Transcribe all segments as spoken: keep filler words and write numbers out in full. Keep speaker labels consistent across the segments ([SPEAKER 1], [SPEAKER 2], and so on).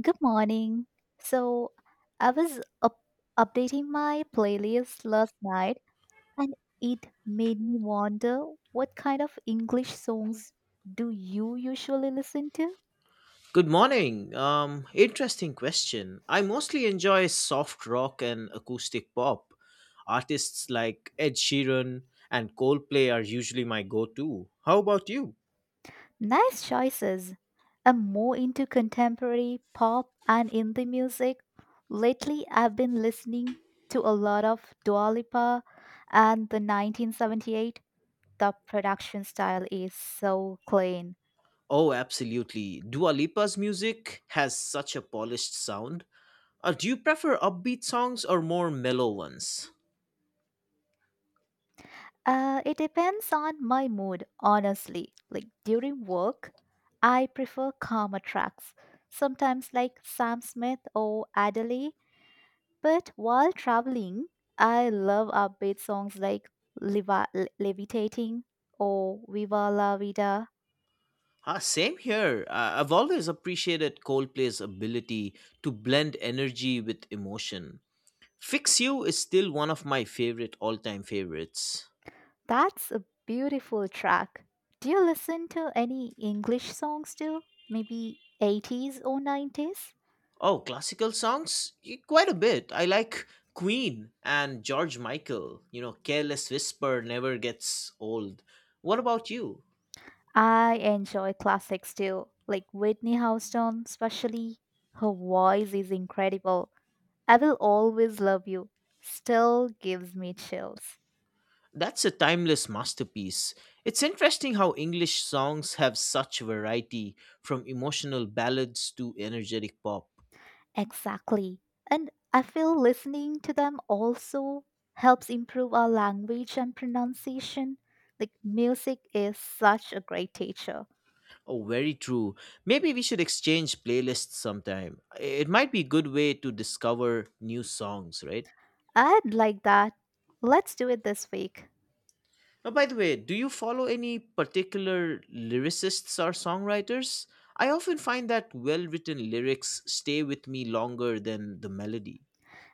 [SPEAKER 1] Good morning. So, I was up- updating my playlist last night and it made me wonder what kind of English songs do you usually listen to?
[SPEAKER 2] Good morning. Um, interesting question. I mostly enjoy soft rock and acoustic pop. Artists like Ed Sheeran and Coldplay are usually my go to. How about you?
[SPEAKER 1] Nice choices. I'm more into contemporary pop and indie music. Lately, I've been listening to a lot of Dua Lipa and the nineteen seventy-eight. The production style is so clean.
[SPEAKER 2] Oh, absolutely. Dua Lipa's music has such a polished sound. Uh, do you prefer upbeat songs or more mellow ones?
[SPEAKER 1] Uh, it depends on my mood, honestly. Like during work, I prefer calmer tracks, sometimes like Sam Smith or Adele. But while traveling, I love upbeat songs like Leva- Le- Levitating or Viva la Vida.
[SPEAKER 2] Ah, same here. Uh, I've always appreciated Coldplay's ability to blend energy with emotion. Fix You is still one of my favorite all time favorites.
[SPEAKER 1] That's a beautiful track. Do you listen to any English songs too? Maybe eighties or nineties?
[SPEAKER 2] Oh, classical songs? Y- Quite a bit. I like Queen and George Michael. You know, Careless Whisper never gets old. What about you?
[SPEAKER 1] I enjoy classics too, like Whitney Houston, especially. Her voice is incredible. I Will Always Love You still gives me chills.
[SPEAKER 2] That's a timeless masterpiece. It's interesting how English songs have such variety from emotional ballads to energetic pop.
[SPEAKER 1] Exactly. And I feel listening to them also helps improve our language and pronunciation. Like, music is such a great teacher.
[SPEAKER 2] Oh, very true. Maybe we should exchange playlists sometime. It might be a good way to discover new songs, right?
[SPEAKER 1] I'd like that. Let's do it this week.
[SPEAKER 2] Now, by the way, do you follow any particular lyricists or songwriters? I often find that well written lyrics stay with me longer than the melody.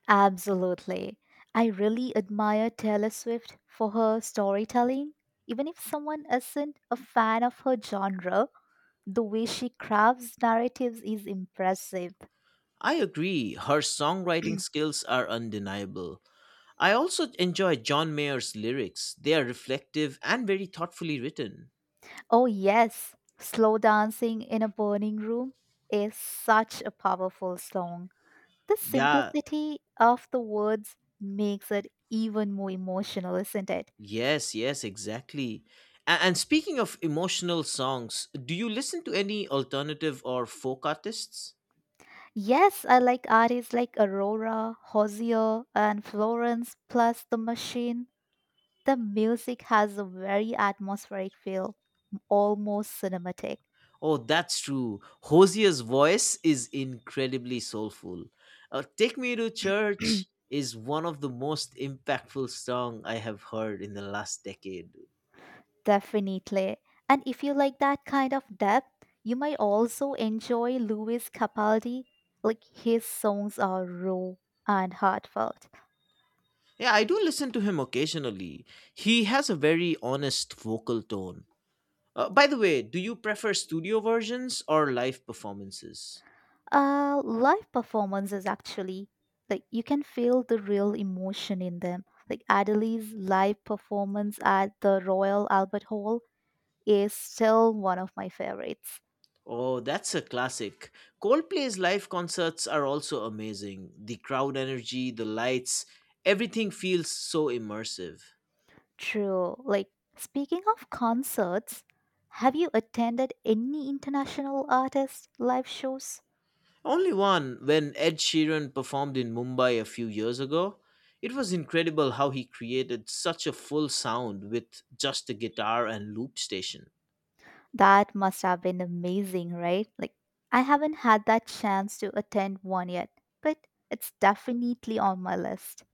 [SPEAKER 1] Absolutely. I really admire Taylor Swift for her storytelling. Even if someone isn't a fan of her genre, the way she crafts narratives is impressive.
[SPEAKER 2] I agree, her songwriting skills are undeniable. I also enjoy John Mayer's lyrics, they are reflective and very thoughtfully written.
[SPEAKER 1] Oh, yes, Slow Dancing in a Burning Room is such a powerful song. The
[SPEAKER 2] Yeah,
[SPEAKER 1] simplicity of the words makes it even more emotional, isn't it?
[SPEAKER 2] yes, yes, exactly. A- And speaking of emotional songs, do you listen to any alternative or folk artists?
[SPEAKER 1] Yes, I like artists like Aurora, Hosier, and Florence, plus The Machine. The music has a very atmospheric feel, almost cinematic.
[SPEAKER 2] Oh, that's true. Hosier's voice is incredibly soulful. Uh, Take Me to Church is one of the most impactful song I have heard in the last decade.
[SPEAKER 1] Definitely. And if you like that kind of depth, you might also enjoy Louis Capaldi. Like his songs are raw and heartfelt.
[SPEAKER 2] Yeah, I do listen to him occasionally. He has a very honest vocal tone. Uh, by the way, do you prefer studio versions or live performances?
[SPEAKER 1] Uh, live performances actually, like you can feel the real emotion in them. Like Adelie's live performance at the Royal Albert Hall is still one of my favorites.
[SPEAKER 2] Oh, that's a classic. Coldplay's live concerts are also amazing. The crowd energy, the lights, everything feels so immersive.
[SPEAKER 1] True. Like speaking of concerts, have you attended any international artist live shows?
[SPEAKER 2] Only one when Ed Sheeran performed in Mumbai a few years ago. It was incredible how he created such a full sound with just a guitar and loop station.
[SPEAKER 1] That must have been amazing, right? Like I haven't had that chance to attend one yet, but it's definitely on my list.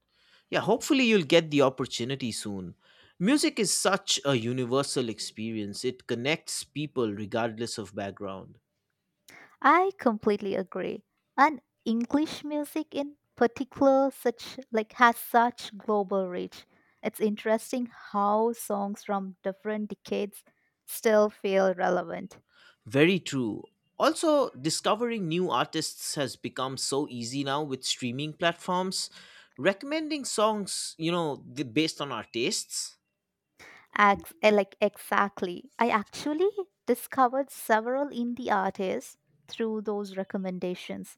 [SPEAKER 2] Yeah, hopefully you'll get the opportunity soon. Music is such a universal experience, it connects people regardless of background.
[SPEAKER 1] I completely agree. And English music in particular such like has such global reach. It's interesting how songs from different decades still feel relevant.
[SPEAKER 2] Very true. Also, discovering new artists has become so easy now with streaming platforms. Recommending songs, you know, th- based on our tastes.
[SPEAKER 1] Ex- eh, like exactly. I actually discovered several indie artists through those recommendations.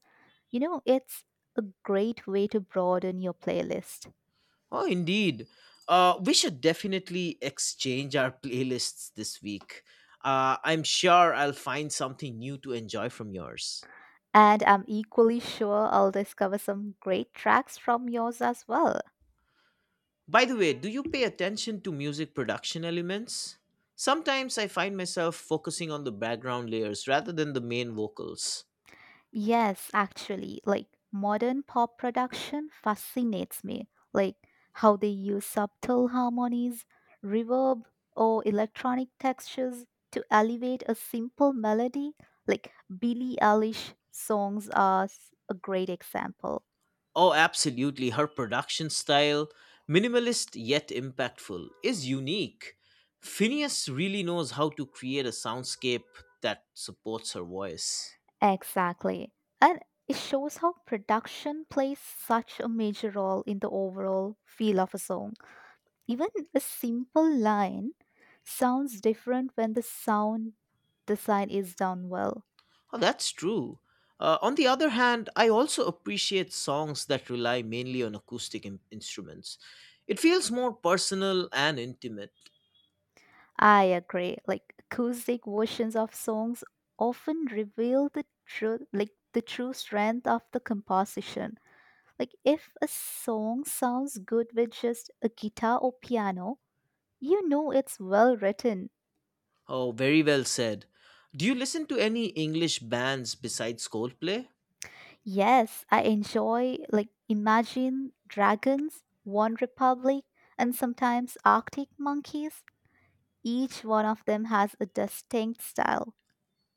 [SPEAKER 1] You know, it's a great way to broaden your playlist.
[SPEAKER 2] Oh, indeed. Uh, we should definitely exchange our playlists this week. Uh, I'm sure I'll find something new to enjoy from yours.
[SPEAKER 1] And I'm equally sure I'll discover some great tracks from yours as well.
[SPEAKER 2] By the way, do you pay attention to music production elements? Sometimes I find myself focusing on the background layers rather than the main vocals.
[SPEAKER 1] Yes, actually, like modern pop production fascinates me. Like how they use subtle harmonies, reverb, or electronic textures to elevate a simple melody. Like Billie Eilish songs are s- a great example.
[SPEAKER 2] Oh, absolutely. Her production style, minimalist yet impactful, is unique. Phineas really knows how to create a soundscape that supports her voice.
[SPEAKER 1] Exactly. And it shows how production plays such a major role in the overall feel of a song. Even a simple line sounds different when the sound design is done well.
[SPEAKER 2] Oh, that's true. Uh, on the other hand, I also appreciate songs that rely mainly on acoustic in- instruments. It feels more personal and intimate.
[SPEAKER 1] I agree. Like acoustic versions of songs often reveal the truth, like the true strength of the composition. Like if a song sounds good with just a guitar or piano, you know it's well written.
[SPEAKER 2] Oh, very well said. Do you listen to any English bands besides Coldplay?
[SPEAKER 1] Yes, I enjoy like Imagine Dragons, One Republic, and sometimes Arctic Monkeys. Each one of them has a distinct style.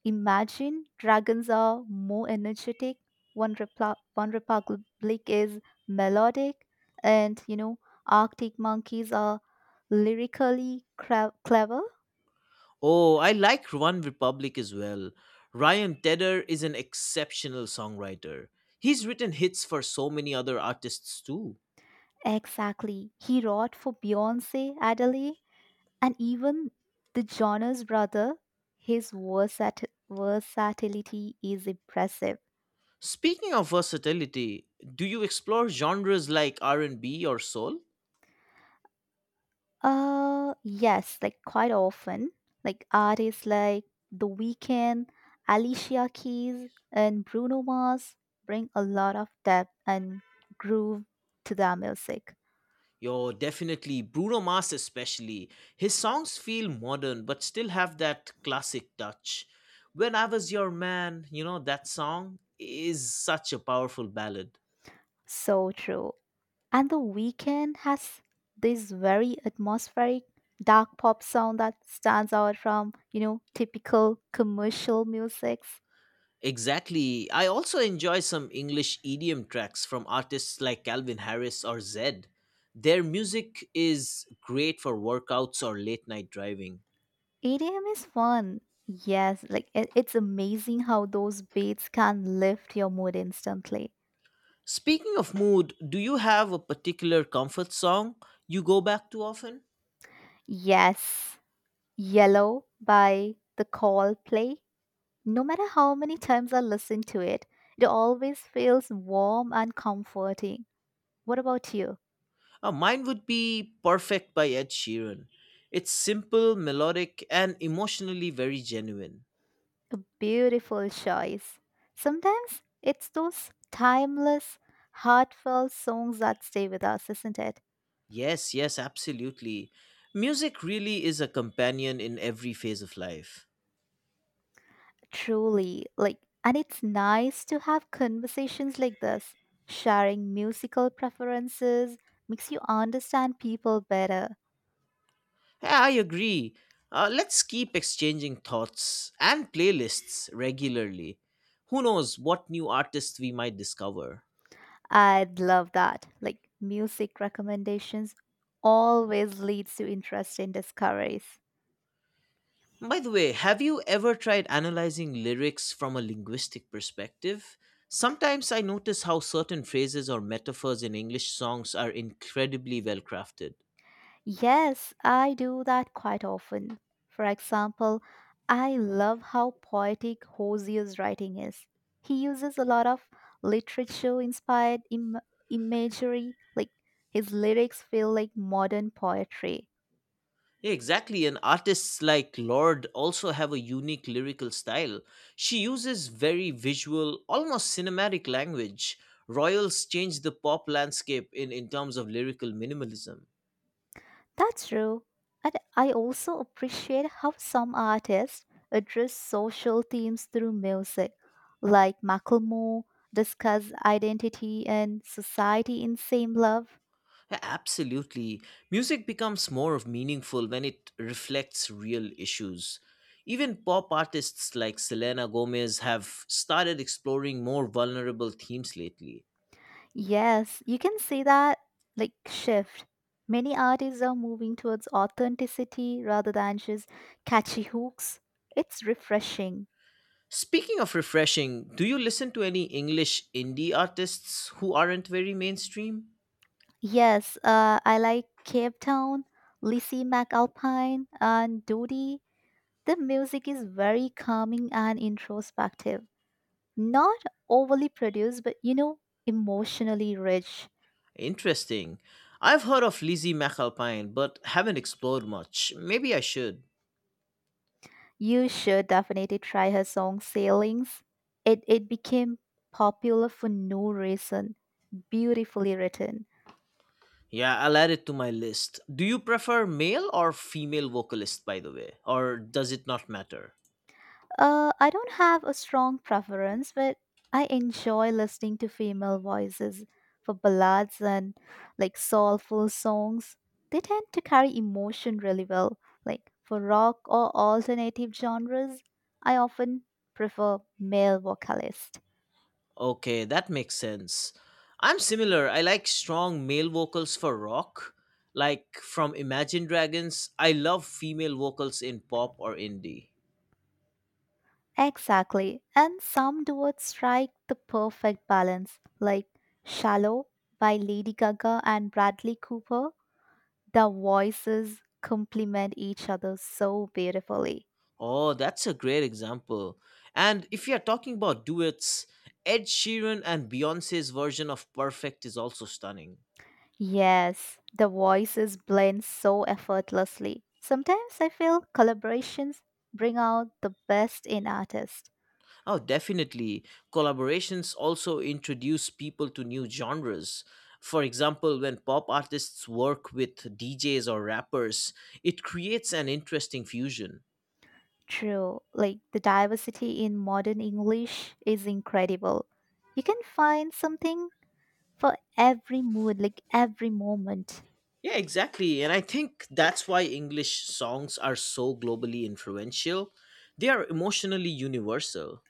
[SPEAKER 1] Imagine dragons are more energetic, one, Repla- one republic is melodic, and you know, Arctic monkeys are lyrically cra- clever.
[SPEAKER 2] Oh, I like One Republic as well. Ryan Tedder is an exceptional songwriter. He's written hits for so many other artists too.
[SPEAKER 1] Exactly. He wrote for Beyonce, Adele, and even the Jonas brother. His versat- versatility is impressive.
[SPEAKER 2] Speaking of versatility, do you explore genres like R and B or soul?
[SPEAKER 1] Uh, yes, like quite often. Like artists like The Weeknd, Alicia Keys, and Bruno Mars bring a lot of depth and groove to their music.
[SPEAKER 2] Yo, definitely. Bruno Mars, especially. His songs feel modern, but still have that classic touch. When I Was Your Man, you know, that song is such a powerful ballad.
[SPEAKER 1] So true. And The Weeknd has this very atmospheric dark pop sound that stands out from, you know, typical commercial musics.
[SPEAKER 2] Exactly. I also enjoy some English E D M tracks from artists like Calvin Harris or Zed. Their music is great for workouts or late night driving.
[SPEAKER 1] E D M is fun. Yes, like it, it's amazing how those beats can lift your mood instantly.
[SPEAKER 2] Speaking of mood, do you have a particular comfort song you go back to often?
[SPEAKER 1] Yes, Yellow by The Coldplay. No matter how many times I listen to it, it always feels warm and comforting. What about you?
[SPEAKER 2] Uh, mine would be Perfect by Ed Sheeran. It's simple, melodic, and emotionally very genuine.
[SPEAKER 1] A beautiful choice. Sometimes it's those timeless, heartfelt songs that stay with us, isn't it?
[SPEAKER 2] Yes, yes, absolutely. Music really is a companion in every phase of life.
[SPEAKER 1] Truly, like, and it's nice to have conversations like this. Sharing musical preferences makes you understand people better.
[SPEAKER 2] Yeah, I agree. Uh, let's keep exchanging thoughts and playlists regularly. Who knows what new artists we might discover?
[SPEAKER 1] I'd love that. Like music recommendations always leads to interesting discoveries.
[SPEAKER 2] By the way, have you ever tried analyzing lyrics from a linguistic perspective? Sometimes I notice how certain phrases or metaphors in English songs are incredibly well crafted.
[SPEAKER 1] Yes, I do that quite often. For example, I love how poetic Hosier's writing is. He uses a lot of literature inspired Im- imagery, like his lyrics feel like modern poetry.
[SPEAKER 2] Yeah, exactly, and artists like Lord also have a unique lyrical style. She uses very visual, almost cinematic language. Royals changed the pop landscape in, in terms of lyrical minimalism.
[SPEAKER 1] That's true. And I also appreciate how some artists address social themes through music, like Macklemore discuss identity and society in Same Love.
[SPEAKER 2] Yeah, absolutely. Music becomes more meaningful when it reflects real issues. Even pop artists like Selena Gomez have started exploring more vulnerable themes lately.
[SPEAKER 1] Yes, you can see that like shift. Many artists are moving towards authenticity rather than just catchy hooks. It's refreshing.
[SPEAKER 2] Speaking of refreshing, do you listen to any English indie artists who aren't very mainstream?
[SPEAKER 1] Yes, uh, I like Cape Town, Lizzie McAlpine, and Dodie. The music is very calming and introspective, not overly produced, but you know, emotionally rich.
[SPEAKER 2] Interesting. I've heard of Lizzie McAlpine, but haven't explored much. Maybe I should.
[SPEAKER 1] You should definitely try her song Sailings. It, it became popular for no reason, beautifully written.
[SPEAKER 2] Yeah, I'll add it to my list. Do you prefer male or female vocalist, by the way? Or does it not matter?
[SPEAKER 1] Uh, I don't have a strong preference, but I enjoy listening to female voices for ballads and like soulful songs. They tend to carry emotion really well. Like for rock or alternative genres, I often prefer male vocalists.
[SPEAKER 2] Okay, that makes sense. I'm similar. I like strong male vocals for rock. Like from Imagine Dragons, I love female vocals in pop or indie.
[SPEAKER 1] Exactly. And some duets strike the perfect balance, like Shallow by Lady Gaga and Bradley Cooper. The voices complement each other so beautifully.
[SPEAKER 2] Oh, that's a great example. And if you're talking about duets, Ed Sheeran and Beyonce's version of Perfect is also stunning.
[SPEAKER 1] Yes, the voices blend so effortlessly. Sometimes I feel collaborations bring out the best in artists.
[SPEAKER 2] Oh, definitely. Collaborations also introduce people to new genres. For example, when pop artists work with D Js or rappers, it creates an interesting fusion.
[SPEAKER 1] True, like the diversity in modern English is incredible. You can find something for every mood, like every moment.
[SPEAKER 2] Yeah, exactly. And I think that's why English songs are so globally influential. They are emotionally universal.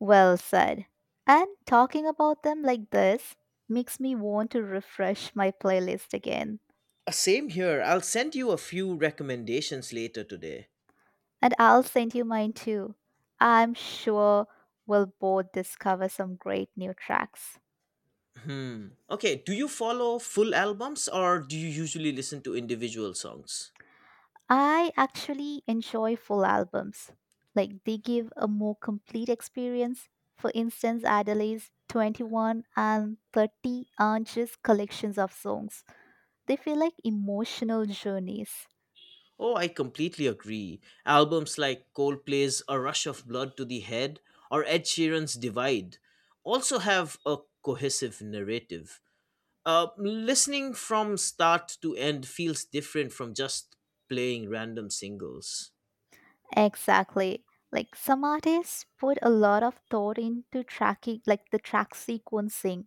[SPEAKER 1] Well said. And talking about them like this makes me want to refresh my playlist again.
[SPEAKER 2] Uh, Same here. I'll send you a few recommendations later today.
[SPEAKER 1] And I'll send you mine too. I'm sure we'll both discover some great new tracks.
[SPEAKER 2] Hmm. Okay, do you follow full albums or do you usually listen to individual songs?
[SPEAKER 1] I actually enjoy full albums. Like they give a more complete experience. For instance, Adelaide's twenty-one and thirty aren't just collections of songs. They feel like emotional journeys.
[SPEAKER 2] Oh, I completely agree. Albums like Coldplay's A Rush of Blood to the Head or Ed Sheeran's Divide also have a cohesive narrative. Uh, listening from start to end feels different from just playing random singles.
[SPEAKER 1] Exactly. Like some artists put a lot of thought into tracking, like the track sequencing,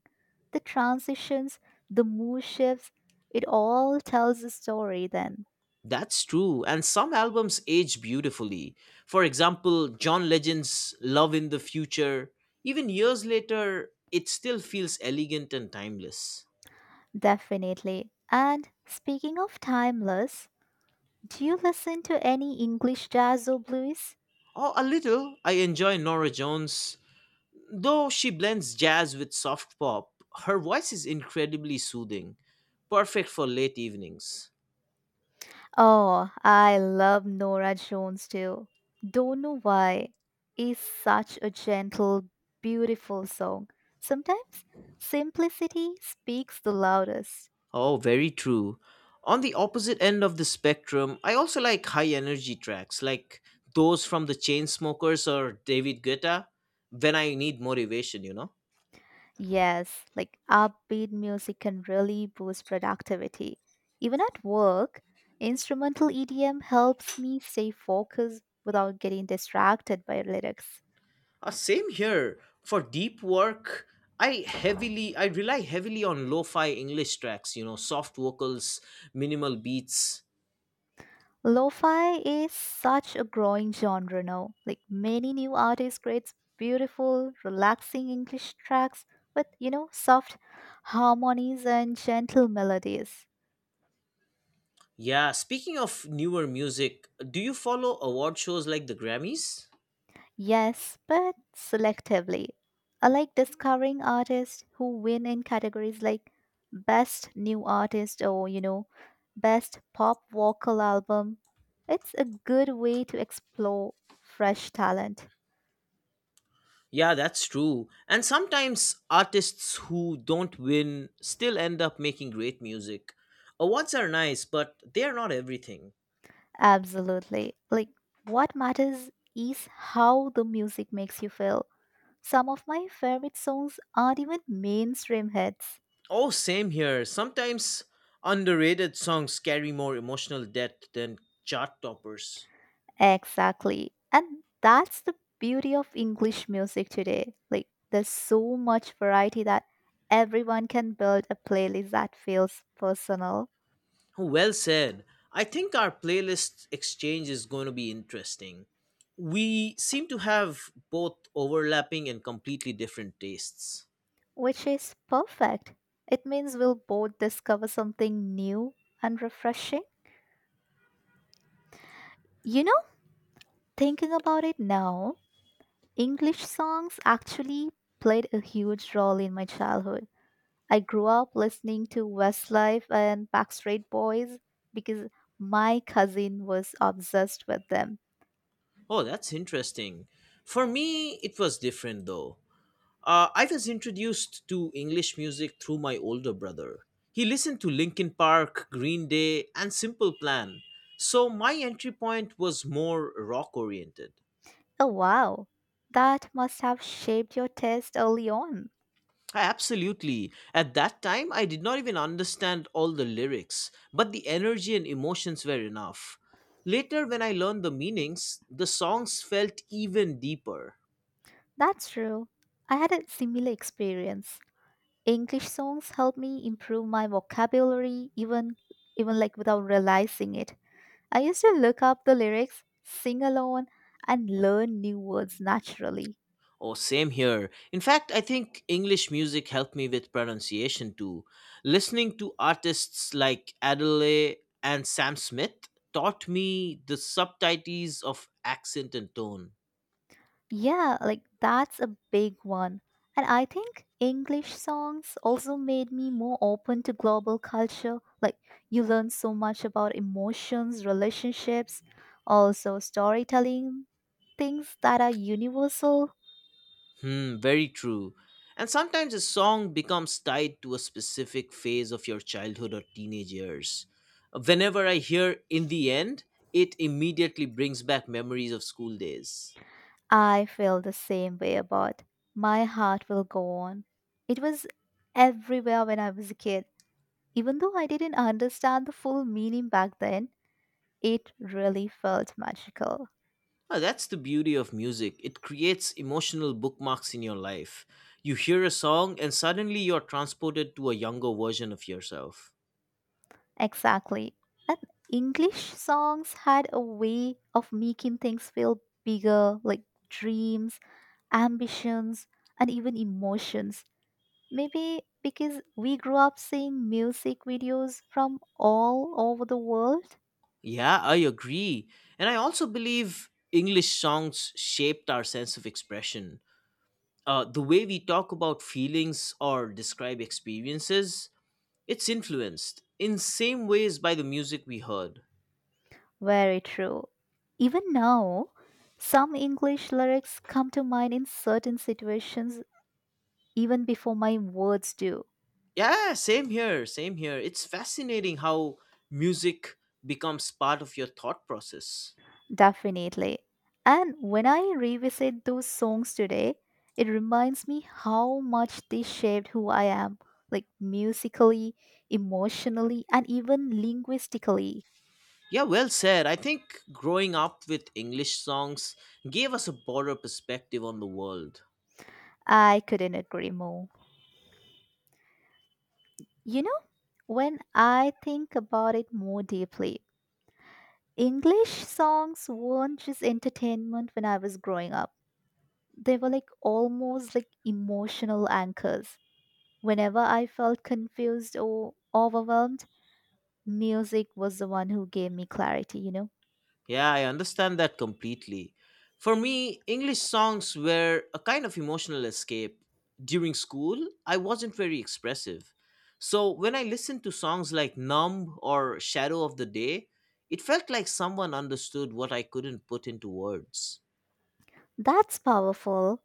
[SPEAKER 1] the transitions, the mood shifts. It all tells a story then.
[SPEAKER 2] That's true, and some albums age beautifully. For example, John Legend's Love in the Future, even years later, it still feels elegant and timeless.
[SPEAKER 1] Definitely. And speaking of timeless, do you listen to any English jazz or blues?
[SPEAKER 2] Oh, a little. I enjoy Nora Jones'. Though she blends jazz with soft pop, her voice is incredibly soothing, perfect for late evenings.
[SPEAKER 1] Oh, I love Nora Jones too. Don't know why. Is such a gentle, beautiful song. Sometimes simplicity speaks the loudest.
[SPEAKER 2] Oh, very true. On the opposite end of the spectrum, I also like high energy tracks like those from the Chainsmokers or David Guetta when I need motivation, you know.
[SPEAKER 1] Yes, like upbeat music can really boost productivity. Even at work, instrumental E D M helps me stay focused without getting distracted by lyrics.
[SPEAKER 2] Uh, same here. For deep work, I heavily I rely heavily on lo-fi English tracks, you know, soft vocals, minimal beats.
[SPEAKER 1] Lo-fi is such a growing genre now. Like many new artists creates beautiful, relaxing English tracks with, you know, soft harmonies and gentle melodies.
[SPEAKER 2] Yeah, speaking of newer music, do you follow award shows like the Grammys?
[SPEAKER 1] Yes, but selectively. I like discovering artists who win in categories like best new artist or, you know, best pop vocal album. It's a good way to explore fresh talent.
[SPEAKER 2] Yeah, that's true. And sometimes artists who don't win still end up making great music. Awards are nice, but they are not everything.
[SPEAKER 1] Absolutely. Like, what matters is how the music makes you feel. Some of my favorite songs aren't even mainstream hits.
[SPEAKER 2] Oh, same here. Sometimes underrated songs carry more emotional depth than chart toppers.
[SPEAKER 1] Exactly. And that's the beauty of English music today. Like, there's so much variety that everyone can build a playlist that feels personal,
[SPEAKER 2] Well said. I think our playlist exchange is going to be interesting. We seem to have both overlapping and completely different tastes.
[SPEAKER 1] which is perfect. It means we'll both discover something new and refreshing. You know, thinking about it now, English songs actually played a huge role in my childhood. I grew up listening to Westlife and Backstreet Boys because my cousin was obsessed with them.
[SPEAKER 2] Oh, that's interesting. For me, it was different though. Uh, I was introduced to English music through my older brother. He listened to Linkin Park, Green Day, and Simple Plan, so my entry point was more rock oriented.
[SPEAKER 1] Oh, wow. That must have shaped your taste early on.
[SPEAKER 2] Absolutely. At that time, I did not even understand all the lyrics, but the energy and emotions were enough. Later, when I learned the meanings, the songs felt even deeper.
[SPEAKER 1] That's true. I had a similar experience. English songs helped me improve my vocabulary even even like without realizing it. I used to look up the lyrics, sing along, and learn new words naturally.
[SPEAKER 2] Oh, same here. In fact, I think English music helped me with pronunciation too. Listening to artists like Adele and Sam Smith taught me the subtleties of accent and tone.
[SPEAKER 1] Yeah, like that's a big one. And I think English songs also made me more open to global culture. Like, you learn so much about emotions, relationships, also storytelling, things that are universal.
[SPEAKER 2] Hmm, very true. And sometimes a song becomes tied to a specific phase of your childhood or teenage years. Whenever I hear In the End, it immediately brings back memories of school days.
[SPEAKER 1] I feel the same way about My Heart Will Go On. It was everywhere when I was a kid. Even though I didn't understand the full meaning back then, it really felt magical.
[SPEAKER 2] Ah, that's the beauty of music. It creates emotional bookmarks in your life. You hear a song and suddenly you're transported to a younger version of yourself.
[SPEAKER 1] Exactly. And English songs had a way of making things feel bigger, like dreams, ambitions, and even emotions. Maybe because we grew up seeing music videos from all over the world.
[SPEAKER 2] Yeah, I agree. And I also believe English songs shaped our sense of expression, uh, the way we talk about feelings or describe experiences. It's influenced in same ways by the music we heard.
[SPEAKER 1] Very true. Even now, some English lyrics come to mind in certain situations even before my words do.
[SPEAKER 2] Yeah, same here, same here. It's fascinating how music becomes part of your thought process.
[SPEAKER 1] Definitely. And when I revisit those songs today, it reminds me how much they shaped who I am, like musically, emotionally, and even linguistically.
[SPEAKER 2] Yeah, well said. I think growing up with English songs gave us a broader perspective on the world.
[SPEAKER 1] I couldn't agree more. You know, when I think about it more deeply, English songs weren't just entertainment when I was growing up. They were like almost like emotional anchors. Whenever I felt confused or overwhelmed, music was the one who gave me clarity, you know?
[SPEAKER 2] Yeah, I understand that completely. For me, English songs were a kind of emotional escape. During school, I wasn't very expressive. So when I listened to songs like Numb or Shadow of the Day, it felt like someone understood what I couldn't put into words.
[SPEAKER 1] That's powerful.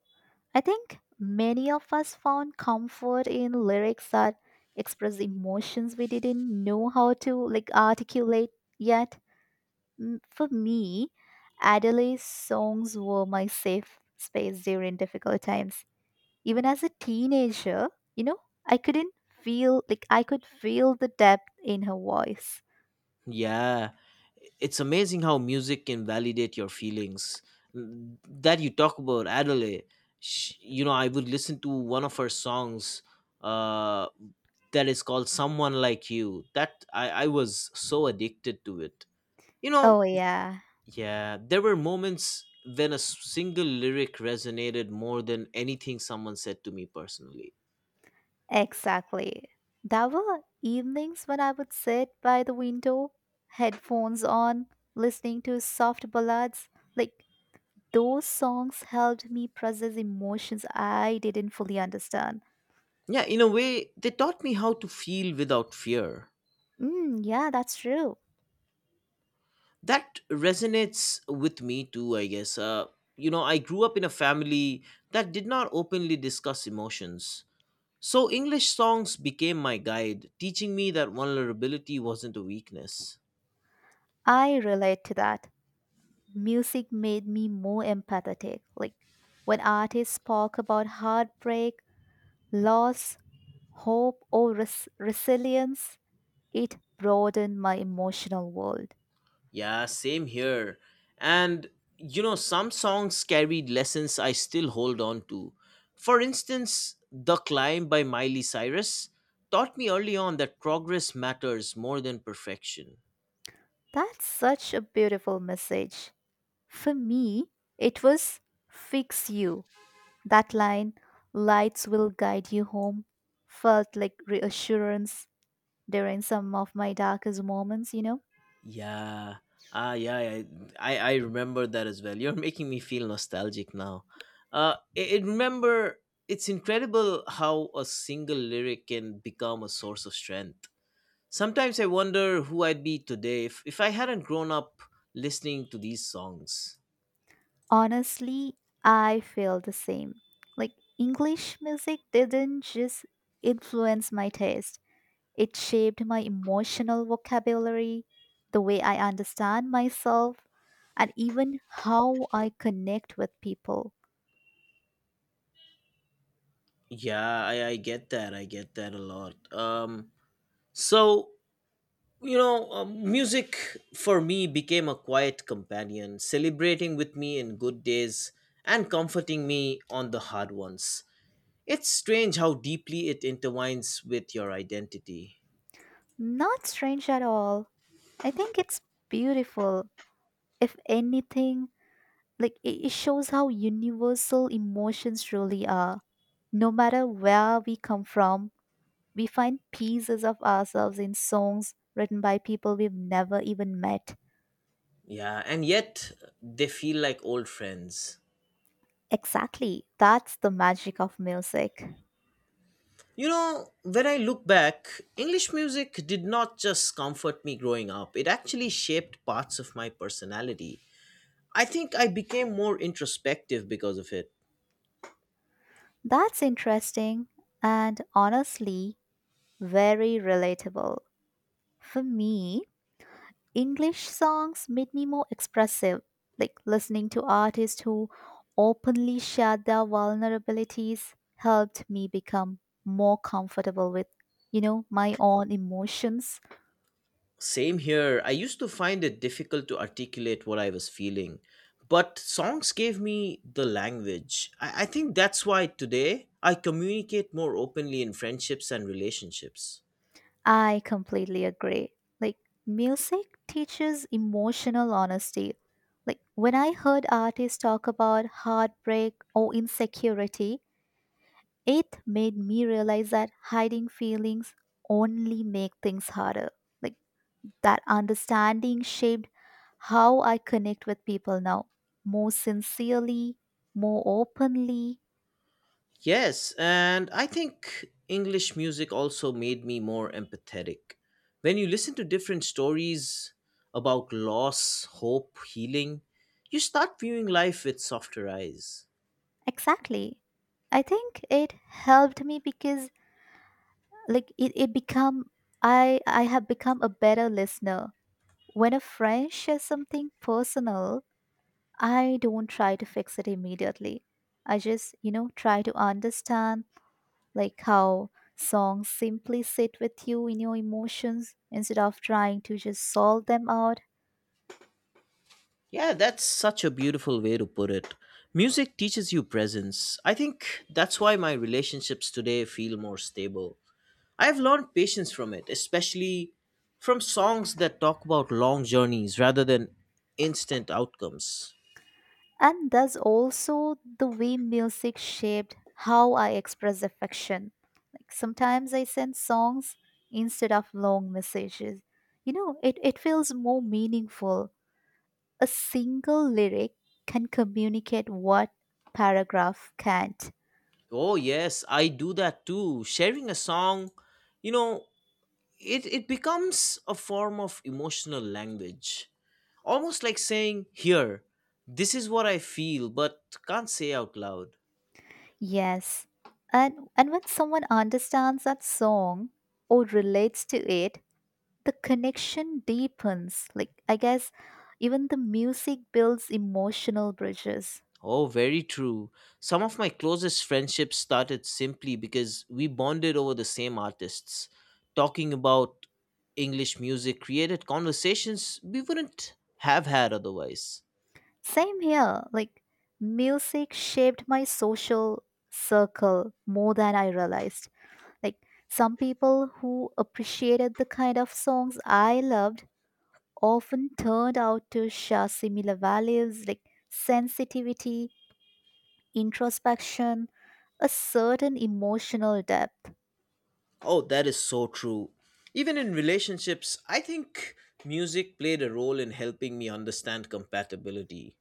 [SPEAKER 1] I think many of us found comfort in lyrics that express emotions we didn't know how to like articulate yet. Mm, For me, Adele's songs were my safe space during difficult times. Even as a teenager, you know, I couldn't feel like I could feel the depth in her voice.
[SPEAKER 2] Yeah, it's amazing how music can validate your feelings. Mm, That you talk about Adele, sh you know, I would listen to one of her songs uh, that is called "Someone Like You." That I I was so addicted to it. You know,
[SPEAKER 1] Oh, yeah,
[SPEAKER 2] yeah, there were moments when a s- single lyric resonated more than anything someone said to me personally.
[SPEAKER 1] exactly. There were evenings when I would sit by the window, headphones on, listening to soft ballads. Like, those songs helped me process emotions I didn't fully understand.
[SPEAKER 2] Yeah, in a way, they taught me how to feel without fear.
[SPEAKER 1] Mm, yeah, that's true.
[SPEAKER 2] That resonates with me too, I guess. uh, you know I grew up in a family that did not openly discuss emotions, so English songs became my guide teaching me that vulnerability wasn't a weakness.
[SPEAKER 1] I relate to that. Music made me more empathetic. Like, when artists spoke about heartbreak, loss, hope, or res- resilience, it broadened my emotional world.
[SPEAKER 2] Yeah, same here. And you know some songs carried lessons I still hold on to. For instance, The Climb by Miley Cyrus taught me early on that progress matters more than perfection.
[SPEAKER 1] That's such a beautiful message. For me, it was fix you. That line, lights will guide you home, felt like reassurance during some of my darkest moments, you know?
[SPEAKER 2] Yeah. Ah, yeah, I, I I remember that as well. You're making me feel nostalgic now. Uh, I, I remember it's incredible how a single lyric can become a source of strength. Sometimes I wonder who I'd be today if, if I hadn't grown up listening to these songs.
[SPEAKER 1] Honestly, I feel the same. Like, English music didn't just influence my taste, it shaped my emotional vocabulary, the way I understand myself, and even how I connect with people.
[SPEAKER 2] Yeah, I, I get that. I get that a lot. Um, so, You know, um, music for me became a quiet companion, celebrating with me in good days and comforting me on the hard ones. It's strange how deeply it intertwines with your identity.
[SPEAKER 1] Not strange at all. I think it's beautiful. If anything, like it it shows how universal emotions really are. No matter where we come from, we find pieces of ourselves in songs written by people we've never even met.
[SPEAKER 2] Yeah, and yet they feel like old friends.
[SPEAKER 1] Exactly. That's the magic of music.
[SPEAKER 2] You know, when I look back, English music did not just comfort me growing up, it actually shaped parts of my personality. I think I became more introspective because of it.
[SPEAKER 1] That's interesting and honestly very relatable. For me, English songs made me more expressive, like listening to artists who openly shared their vulnerabilities helped me become more comfortable with, you know, my own emotions.
[SPEAKER 2] Same here. I used to find it difficult to articulate what I was feeling, but songs gave me the language. I, I think that's why today I communicate more openly in friendships and relationships.
[SPEAKER 1] I completely agree. Like music teaches emotional honesty. Like when I heard artists talk about heartbreak or insecurity, it made me realize that hiding feelings only make things harder like. That understanding shaped how I connect with people now, more sincerely, more openly.
[SPEAKER 2] Yes, and I think English music also made me more empathetic. When you listen to different stories about loss, hope, healing, you start viewing life with softer eyes.
[SPEAKER 1] Exactly. I think it helped me because like it, it become I I have become a better listener. When a friend shares something personal, I don't try to fix it immediately. I just, you know, try to understand like how songs simply sit with you in your emotions instead of trying to just solve them out.
[SPEAKER 2] Yeah, that's such a beautiful way to put it. Music teaches you presence. I think that's why my relationships today feel more stable. I've learned patience from it, especially from songs that talk about long journeys rather than instant outcomes.
[SPEAKER 1] And thus also the way music shaped how I express affection. Like sometimes I send songs instead of long messages. You know, it, it feels more meaningful. A single lyric can communicate what paragraph can't.
[SPEAKER 2] Oh yes, I do that too. Sharing a song, you know, it it becomes a form of emotional language. Almost like saying, "Here, this is what I feel but can't say out loud."
[SPEAKER 1] Yes. And and when someone understands that song or relates to it, the connection deepens. Like I guess even the music builds emotional bridges.
[SPEAKER 2] Oh, very true. Some of my closest friendships started simply because we bonded over the same artists. Talking about English music created conversations we wouldn't have had otherwise.
[SPEAKER 1] Same here. Like, music shaped my social circle more than I realized. Like, some people who appreciated the kind of songs I loved often turned out to share similar values like sensitivity, introspection, a certain emotional depth.
[SPEAKER 2] Oh, that is so true. Even in relationships, I think music played a role in helping me understand compatibility.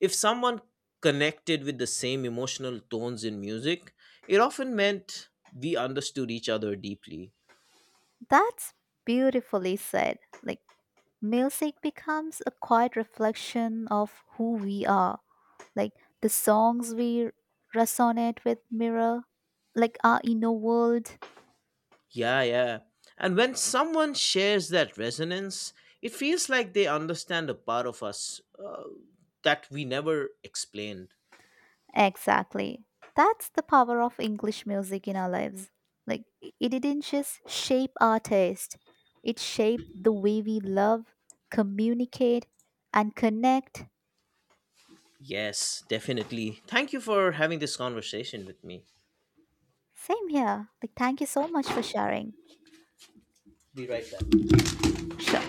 [SPEAKER 2] If someone connected with the same emotional tones in music, it often meant we understood each other deeply.
[SPEAKER 1] That's beautifully said. Like, music becomes a quiet reflection of who we are. Like the songs we resonate with mirror, like our inner world.
[SPEAKER 2] Yeah, yeah. And when someone shares that resonance, it feels like they understand a part of us uh, that we never explained.
[SPEAKER 1] Exactly. That's the power of English music in our lives. Like i- it didn't just shape our taste, it shaped the way we love, communicate, and connect.
[SPEAKER 2] Yes, definitely. Thank you for having this conversation with me.
[SPEAKER 1] Same here. Like, thank you so much for sharing.
[SPEAKER 2] Be right back.
[SPEAKER 1] Sure.